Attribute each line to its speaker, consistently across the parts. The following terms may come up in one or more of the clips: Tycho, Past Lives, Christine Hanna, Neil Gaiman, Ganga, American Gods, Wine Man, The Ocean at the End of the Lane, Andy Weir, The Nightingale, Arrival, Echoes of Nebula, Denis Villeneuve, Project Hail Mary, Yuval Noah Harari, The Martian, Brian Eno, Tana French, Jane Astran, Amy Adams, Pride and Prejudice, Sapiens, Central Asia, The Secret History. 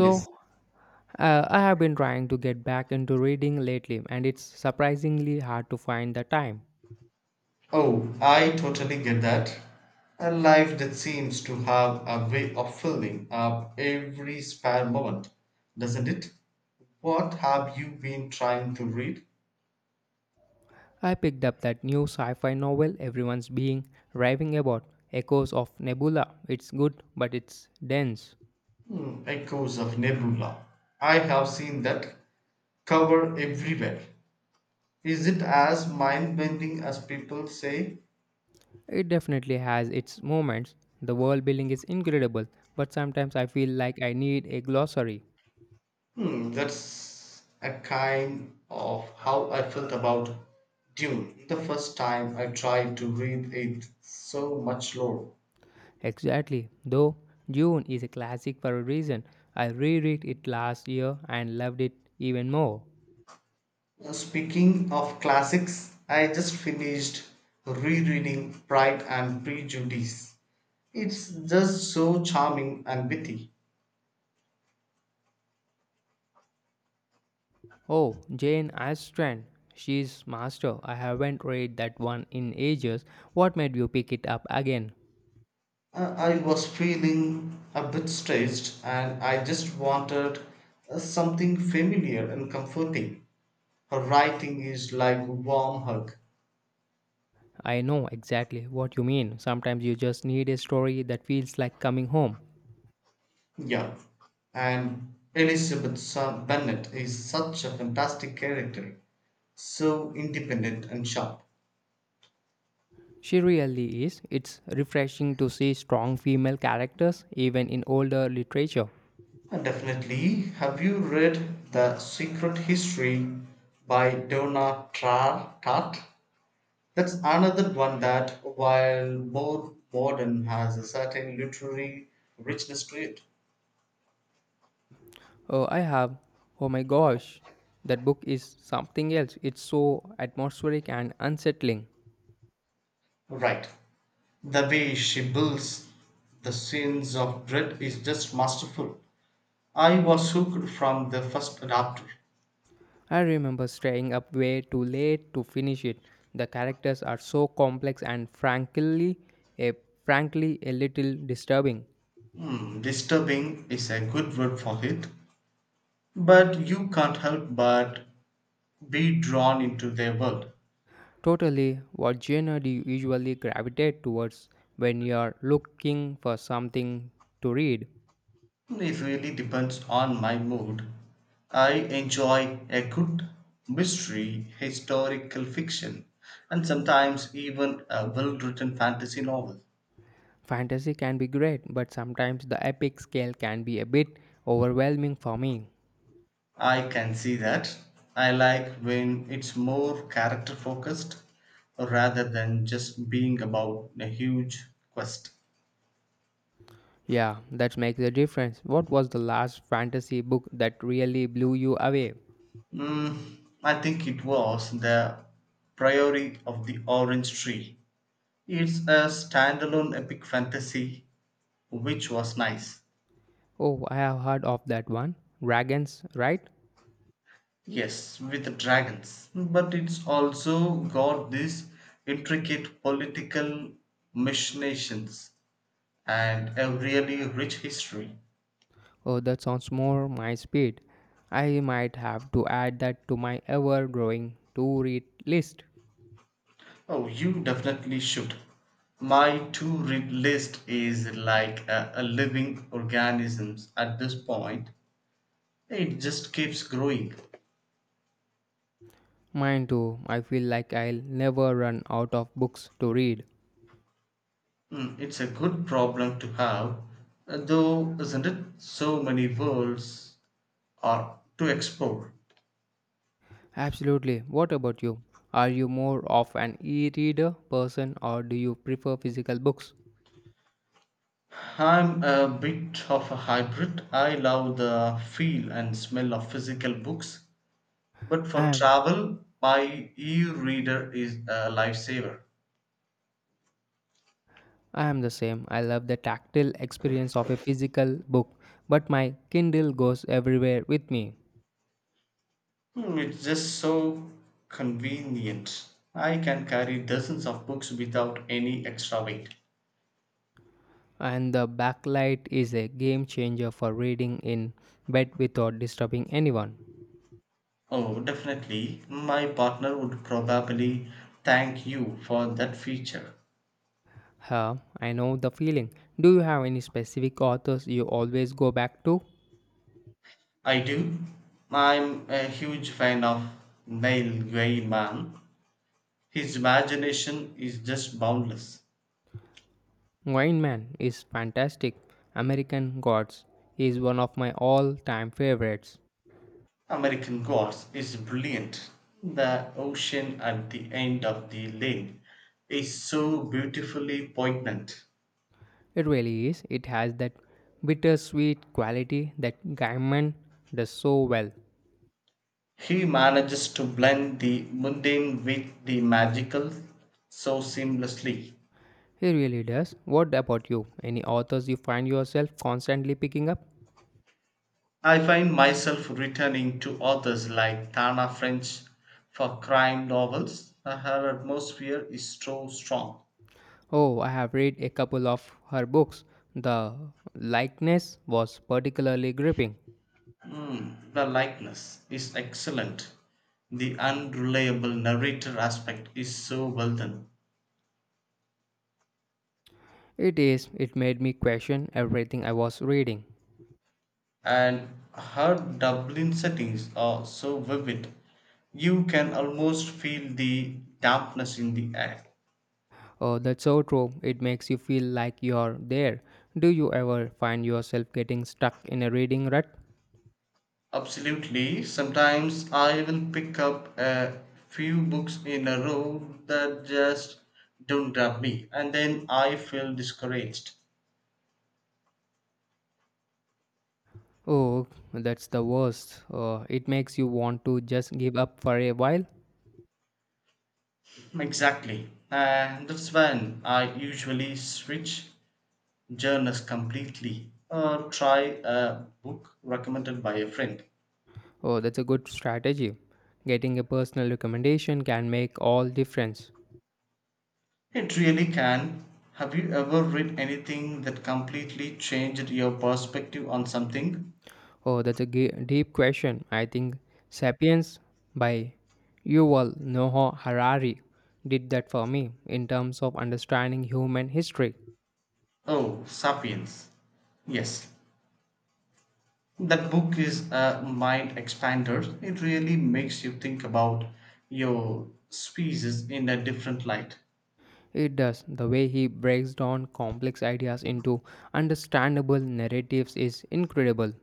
Speaker 1: Yes.
Speaker 2: I have been trying to get back into reading lately, and it's surprisingly hard to find the time.
Speaker 1: Oh, I totally get that. A life that seems to have a way of filling up every spare moment, doesn't it? What have you been trying to read?
Speaker 2: I picked up that new sci fi novel everyone's being raving about, Echoes of Nebula. It's good, but it's dense.
Speaker 1: Hmm, Echoes of Nebula. I have seen that cover everywhere. Is it as mind bending as people say?
Speaker 2: It definitely has its moments. The world building is incredible, but sometimes I feel like I need a glossary.
Speaker 1: Hmm, that's a kind of how I felt about Dune the first time I tried to read it so much lore.
Speaker 2: Exactly, though, June is a classic for a reason. I reread it last year and loved it even more.
Speaker 1: Speaking of classics, I just finished rereading Pride and Prejudice. It's just so charming and witty.
Speaker 2: Oh, Jane Astran. She's master. I haven't read that one in ages. What made you pick it up again?
Speaker 1: I was feeling a bit stressed and I just wanted something familiar and comforting. Her writing is like a warm hug.
Speaker 2: I know exactly what you mean. Sometimes you just need a story that feels like coming home.
Speaker 1: Yeah, and Elizabeth Bennet is such a fantastic character, so independent and sharp.
Speaker 2: She really is. It's refreshing to see strong female characters even in older literature.
Speaker 1: And definitely, have you read The Secret History by Donna Tartt? That's another one that, while more modern, has a certain literary richness to it.
Speaker 2: Oh, I have. Oh my gosh. That book is something else. It's so atmospheric and unsettling.
Speaker 1: Right. The way she builds the scenes of dread is just masterful. I was hooked from the first adopter.
Speaker 2: I remember staying up way too late to finish it. The characters are so complex and a frankly a little disturbing.
Speaker 1: Hmm, disturbing is a good word for it, but you can't help but be drawn into their world.
Speaker 2: Totally. What genre do you usually gravitate towards when you're looking for something to read?
Speaker 1: It really depends on my mood. I enjoy a good mystery, historical fiction, and sometimes even a well written fantasy novel.
Speaker 2: Fantasy can be great, but sometimes the epic scale can be a bit overwhelming for me.
Speaker 1: I can see that. I like when it's more character focused rather than just being about a huge quest.
Speaker 2: Yeah, that makes a difference. What was the last fantasy book that really blew you away?
Speaker 1: Mm, I think it was the Priory of the Orange Tree. It's a standalone epic fantasy, which was nice.
Speaker 2: Oh, I have heard of that one. Dragons, right?
Speaker 1: Yes, with the dragons. But it's also got these intricate political machinations and a really rich history.
Speaker 2: Oh, that sounds more my speed. I might have to add that to my ever growing to read list.
Speaker 1: Oh, you definitely should. My to read list is like a living organism at this point. It just keeps growing.
Speaker 2: Mine too. I feel like I'll never run out of books to read.
Speaker 1: Mm, it's a good problem to have, though, isn't it? So many worlds are to explore.
Speaker 2: Absolutely. What about you? Are you more of an e reader person or do you prefer physical books?
Speaker 1: I'm a bit of a hybrid. I love the feel and smell of physical books, but
Speaker 2: I
Speaker 1: for
Speaker 2: am.
Speaker 1: travel, my e reader is a lifesaver.
Speaker 2: I am the same. I love the tactile experience of a physical book, but my Kindle goes everywhere with me.
Speaker 1: Hmm, it's just so convenient. I can carry dozens of books without any extra weight.
Speaker 2: And the backlight is a game changer for reading in bed without disturbing anyone.
Speaker 1: Oh, definitely. My partner would probably thank you for that feature.
Speaker 2: Huh, I know the feeling. Do you have any specific authors you always go back to?
Speaker 1: I do. I'm a huge fan of Neil Gaiman. His imagination is just boundless.
Speaker 2: Wine Man is fantastic. American Gods is one of my all time favorites.
Speaker 1: American Gods is brilliant. The ocean at the end of the lane is so beautifully poignant.
Speaker 2: It really is. It has that bittersweet quality that Gaiman does so well.
Speaker 1: He manages to blend the mundane with the magical so seamlessly.
Speaker 2: He really does. What about you? Any authors you find yourself constantly picking up?
Speaker 1: I find myself returning to authors like Tana French for crime novels. Her atmosphere is so strong.
Speaker 2: Oh, I have read a couple of her books. The likeness was particularly gripping.
Speaker 1: Mm, the likeness is excellent. The unreliable narrator aspect is so well done.
Speaker 2: It is, it made me question everything I was reading.
Speaker 1: And her Dublin settings are so vivid. You can almost feel the dampness in the air.
Speaker 2: Oh, that's so true. It makes you feel like you're there. Do you ever find yourself getting stuck in a reading rut?
Speaker 1: Absolutely. Sometimes I will pick up a few books in a row that just don't grab me, and then I feel discouraged.
Speaker 2: Oh, that's the worst. It makes you want to just give up for a while.
Speaker 1: Exactly. And that's when I usually switch genres completely or try a book recommended by a friend.
Speaker 2: Oh, that's a good strategy. Getting a personal recommendation can make all difference.
Speaker 1: It really can. Have you ever read anything that completely changed your perspective on something?
Speaker 2: Oh, that's a deep question. I think Sapiens by Yuval Noah Harari did that for me in terms of understanding human history.
Speaker 1: Oh, Sapiens. Yes, that book is a mind expander. It really makes you think about your species in a different light.
Speaker 2: It does. The way he breaks down complex ideas into understandable narratives is incredible.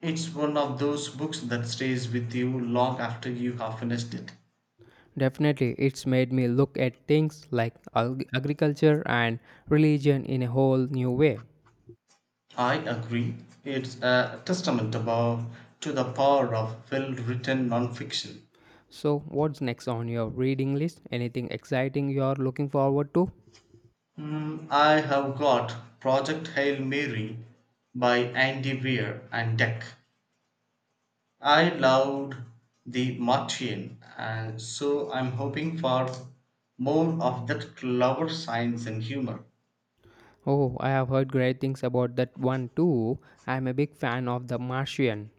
Speaker 1: It's one of those books that stays with you long after you have finished it.
Speaker 2: Definitely, it's made me look at things like agriculture and religion in a whole new way.
Speaker 1: I agree. It's a testament about to the power of well-written nonfiction.
Speaker 2: So, what's next on your reading list? Anything exciting you're looking forward to?
Speaker 1: Mm, I have got Project Hail Mary by Andy Weir and Deck I loved The Martian, and so I'm hoping for more of that clever science and humor.
Speaker 2: Oh, I have heard great things about that one too. I am a big fan of The Martian.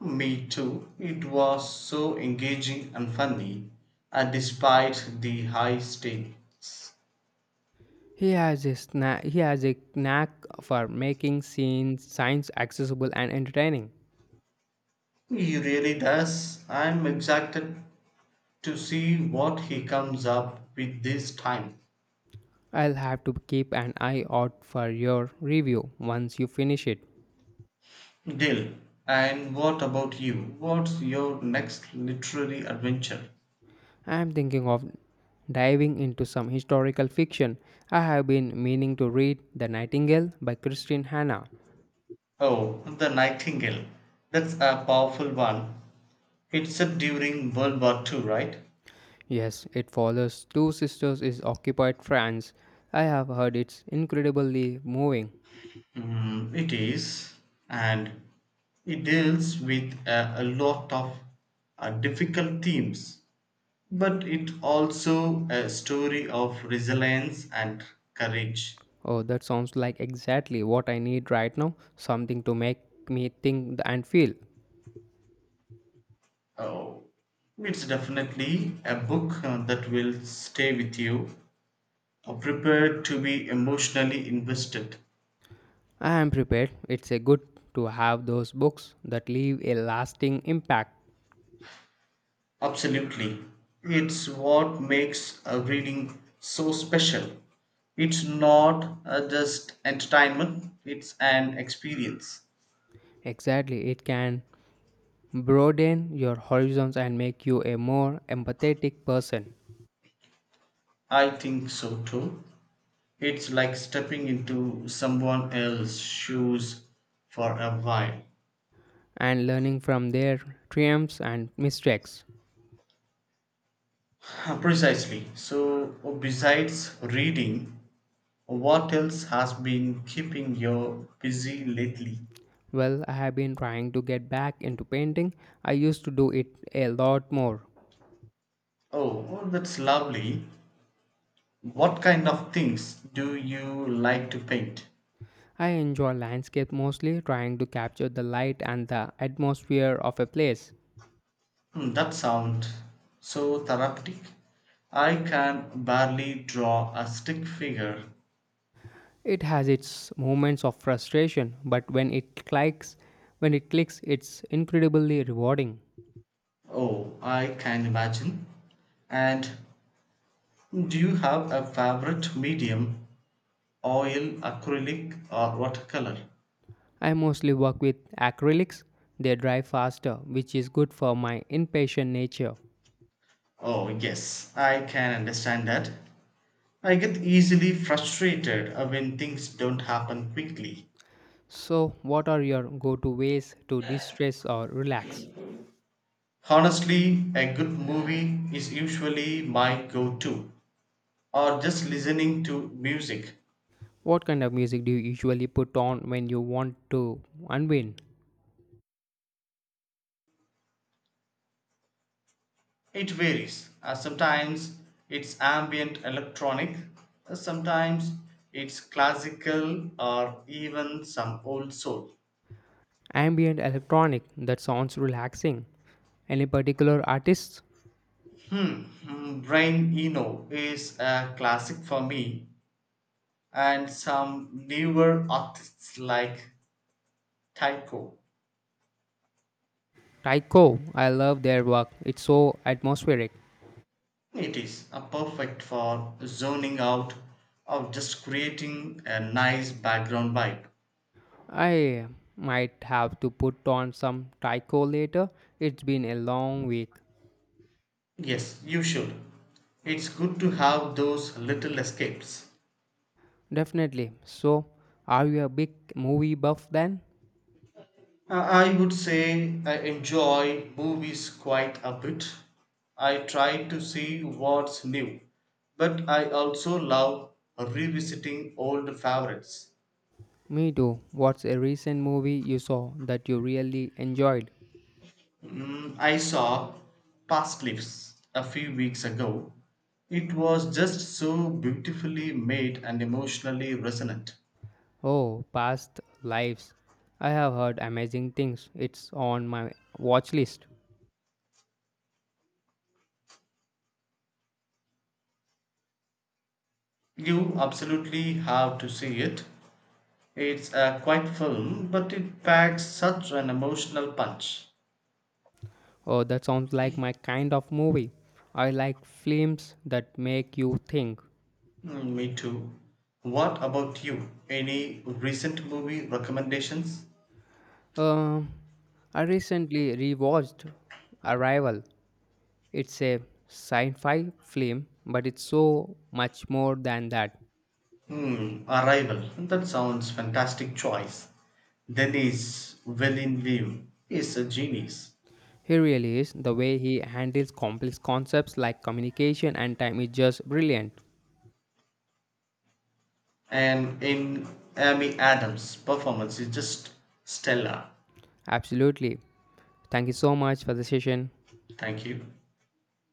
Speaker 1: Me too. It was so engaging and funny, and despite the high stakes.
Speaker 2: He has he has a knack for making scenes science accessible and entertaining.
Speaker 1: He really does. I'm excited to see what he comes up with this time.
Speaker 2: I'll have to keep an eye out for your review once you finish it.
Speaker 1: Dill, and what about you? What's your next literary adventure?
Speaker 2: I am thinking of diving into some historical fiction. I have been meaning to read The Nightingale by Christine Hanna.
Speaker 1: Oh, The Nightingale. That's a powerful one. It's set during World War Two, right?
Speaker 2: Yes, it follows two sisters in occupied France. I have heard it's incredibly moving.
Speaker 1: Mm, it is. And it deals with a lot of difficult themes, but it also a story of resilience and courage.
Speaker 2: Oh, that sounds like exactly what I need right now something to make me think and feel.
Speaker 1: Oh, it's definitely a book that will stay with you. Prepare to be emotionally invested.
Speaker 2: I am prepared. It's a good to have those books that leave a lasting impact.
Speaker 1: Absolutely. It's what makes a reading so special. It's not just entertainment, it's an experience.
Speaker 2: Exactly, it can broaden your horizons and make you a more empathetic person
Speaker 1: I think so too. It's like stepping into someone else's shoes for a while.
Speaker 2: and learning from their triumphs and mistakes.
Speaker 1: Precisely. So, besides reading, what else has been keeping you busy lately?
Speaker 2: Well, I have been trying to get back into painting. I used to do it a lot more,
Speaker 1: Oh, that's lovely. What kind of things do you like to paint?
Speaker 2: I enjoy landscape mostly, trying to capture the light and the atmosphere of a place.
Speaker 1: Hmm, that sounds so therapeutic. I can barely draw a stick figure.
Speaker 2: It has its moments of frustration, but when it clicks, it's incredibly rewarding.
Speaker 1: Oh, I can imagine. And do you have a favorite medium? Oil, acrylic, or watercolor?
Speaker 2: I mostly work with acrylics. They dry faster, which is good for my impatient nature.
Speaker 1: Oh, yes, I can understand that. I get easily frustrated when things don't happen quickly.
Speaker 2: So, what are your go-to ways to distress or relax?
Speaker 1: Honestly, a good movie is usually my go to, or just listening to music.
Speaker 2: What kind of music do you usually put on when you want to unwind?
Speaker 1: It varies. Sometimes it's ambient electronic, sometimes it's classical, or even some old soul.
Speaker 2: Ambient electronic that sounds relaxing. Any particular artists?
Speaker 1: Mm, Brian Eno is a classic for me, and some newer artists like Tycho.
Speaker 2: Tycho, I love their work. It's so atmospheric.
Speaker 1: It is perfect for zoning out or just creating a nice background vibe.
Speaker 2: I might have to put on some Tycho later. It's been a long week.
Speaker 1: Yes, you should. It's good to have those little escapes.
Speaker 2: Definitely. So, are you a big movie buff then?
Speaker 1: I would say I enjoy movies quite a bit. I try to see what's new, but I also love revisiting old favorites.
Speaker 2: Me too. What's a recent movie you saw that you really enjoyed?
Speaker 1: Mm, I saw Past Lives a few weeks ago. It was just so beautifully made and emotionally resonant.
Speaker 2: Oh, Past Lives. I have heard amazing things. It's on my watch list.
Speaker 1: You absolutely have to see it. It's a quiet film, but it packs such an emotional punch.
Speaker 2: Oh, that sounds like my kind of movie. I like films that make you think.
Speaker 1: Mm, me too. What about you? Any recent movie recommendations?
Speaker 2: Um, I recently rewatched Arrival. It's a sci-fi film, but it's so much more than that.
Speaker 1: Hmm, Arrival. That sounds fantastic choice. Denis Villeneuve is a genius.
Speaker 2: He really is. The way he handles complex concepts like communication and time is just brilliant.
Speaker 1: And in Amy Adams' performance is just stellar.
Speaker 2: Absolutely. Thank you so much for the session.
Speaker 1: Thank you.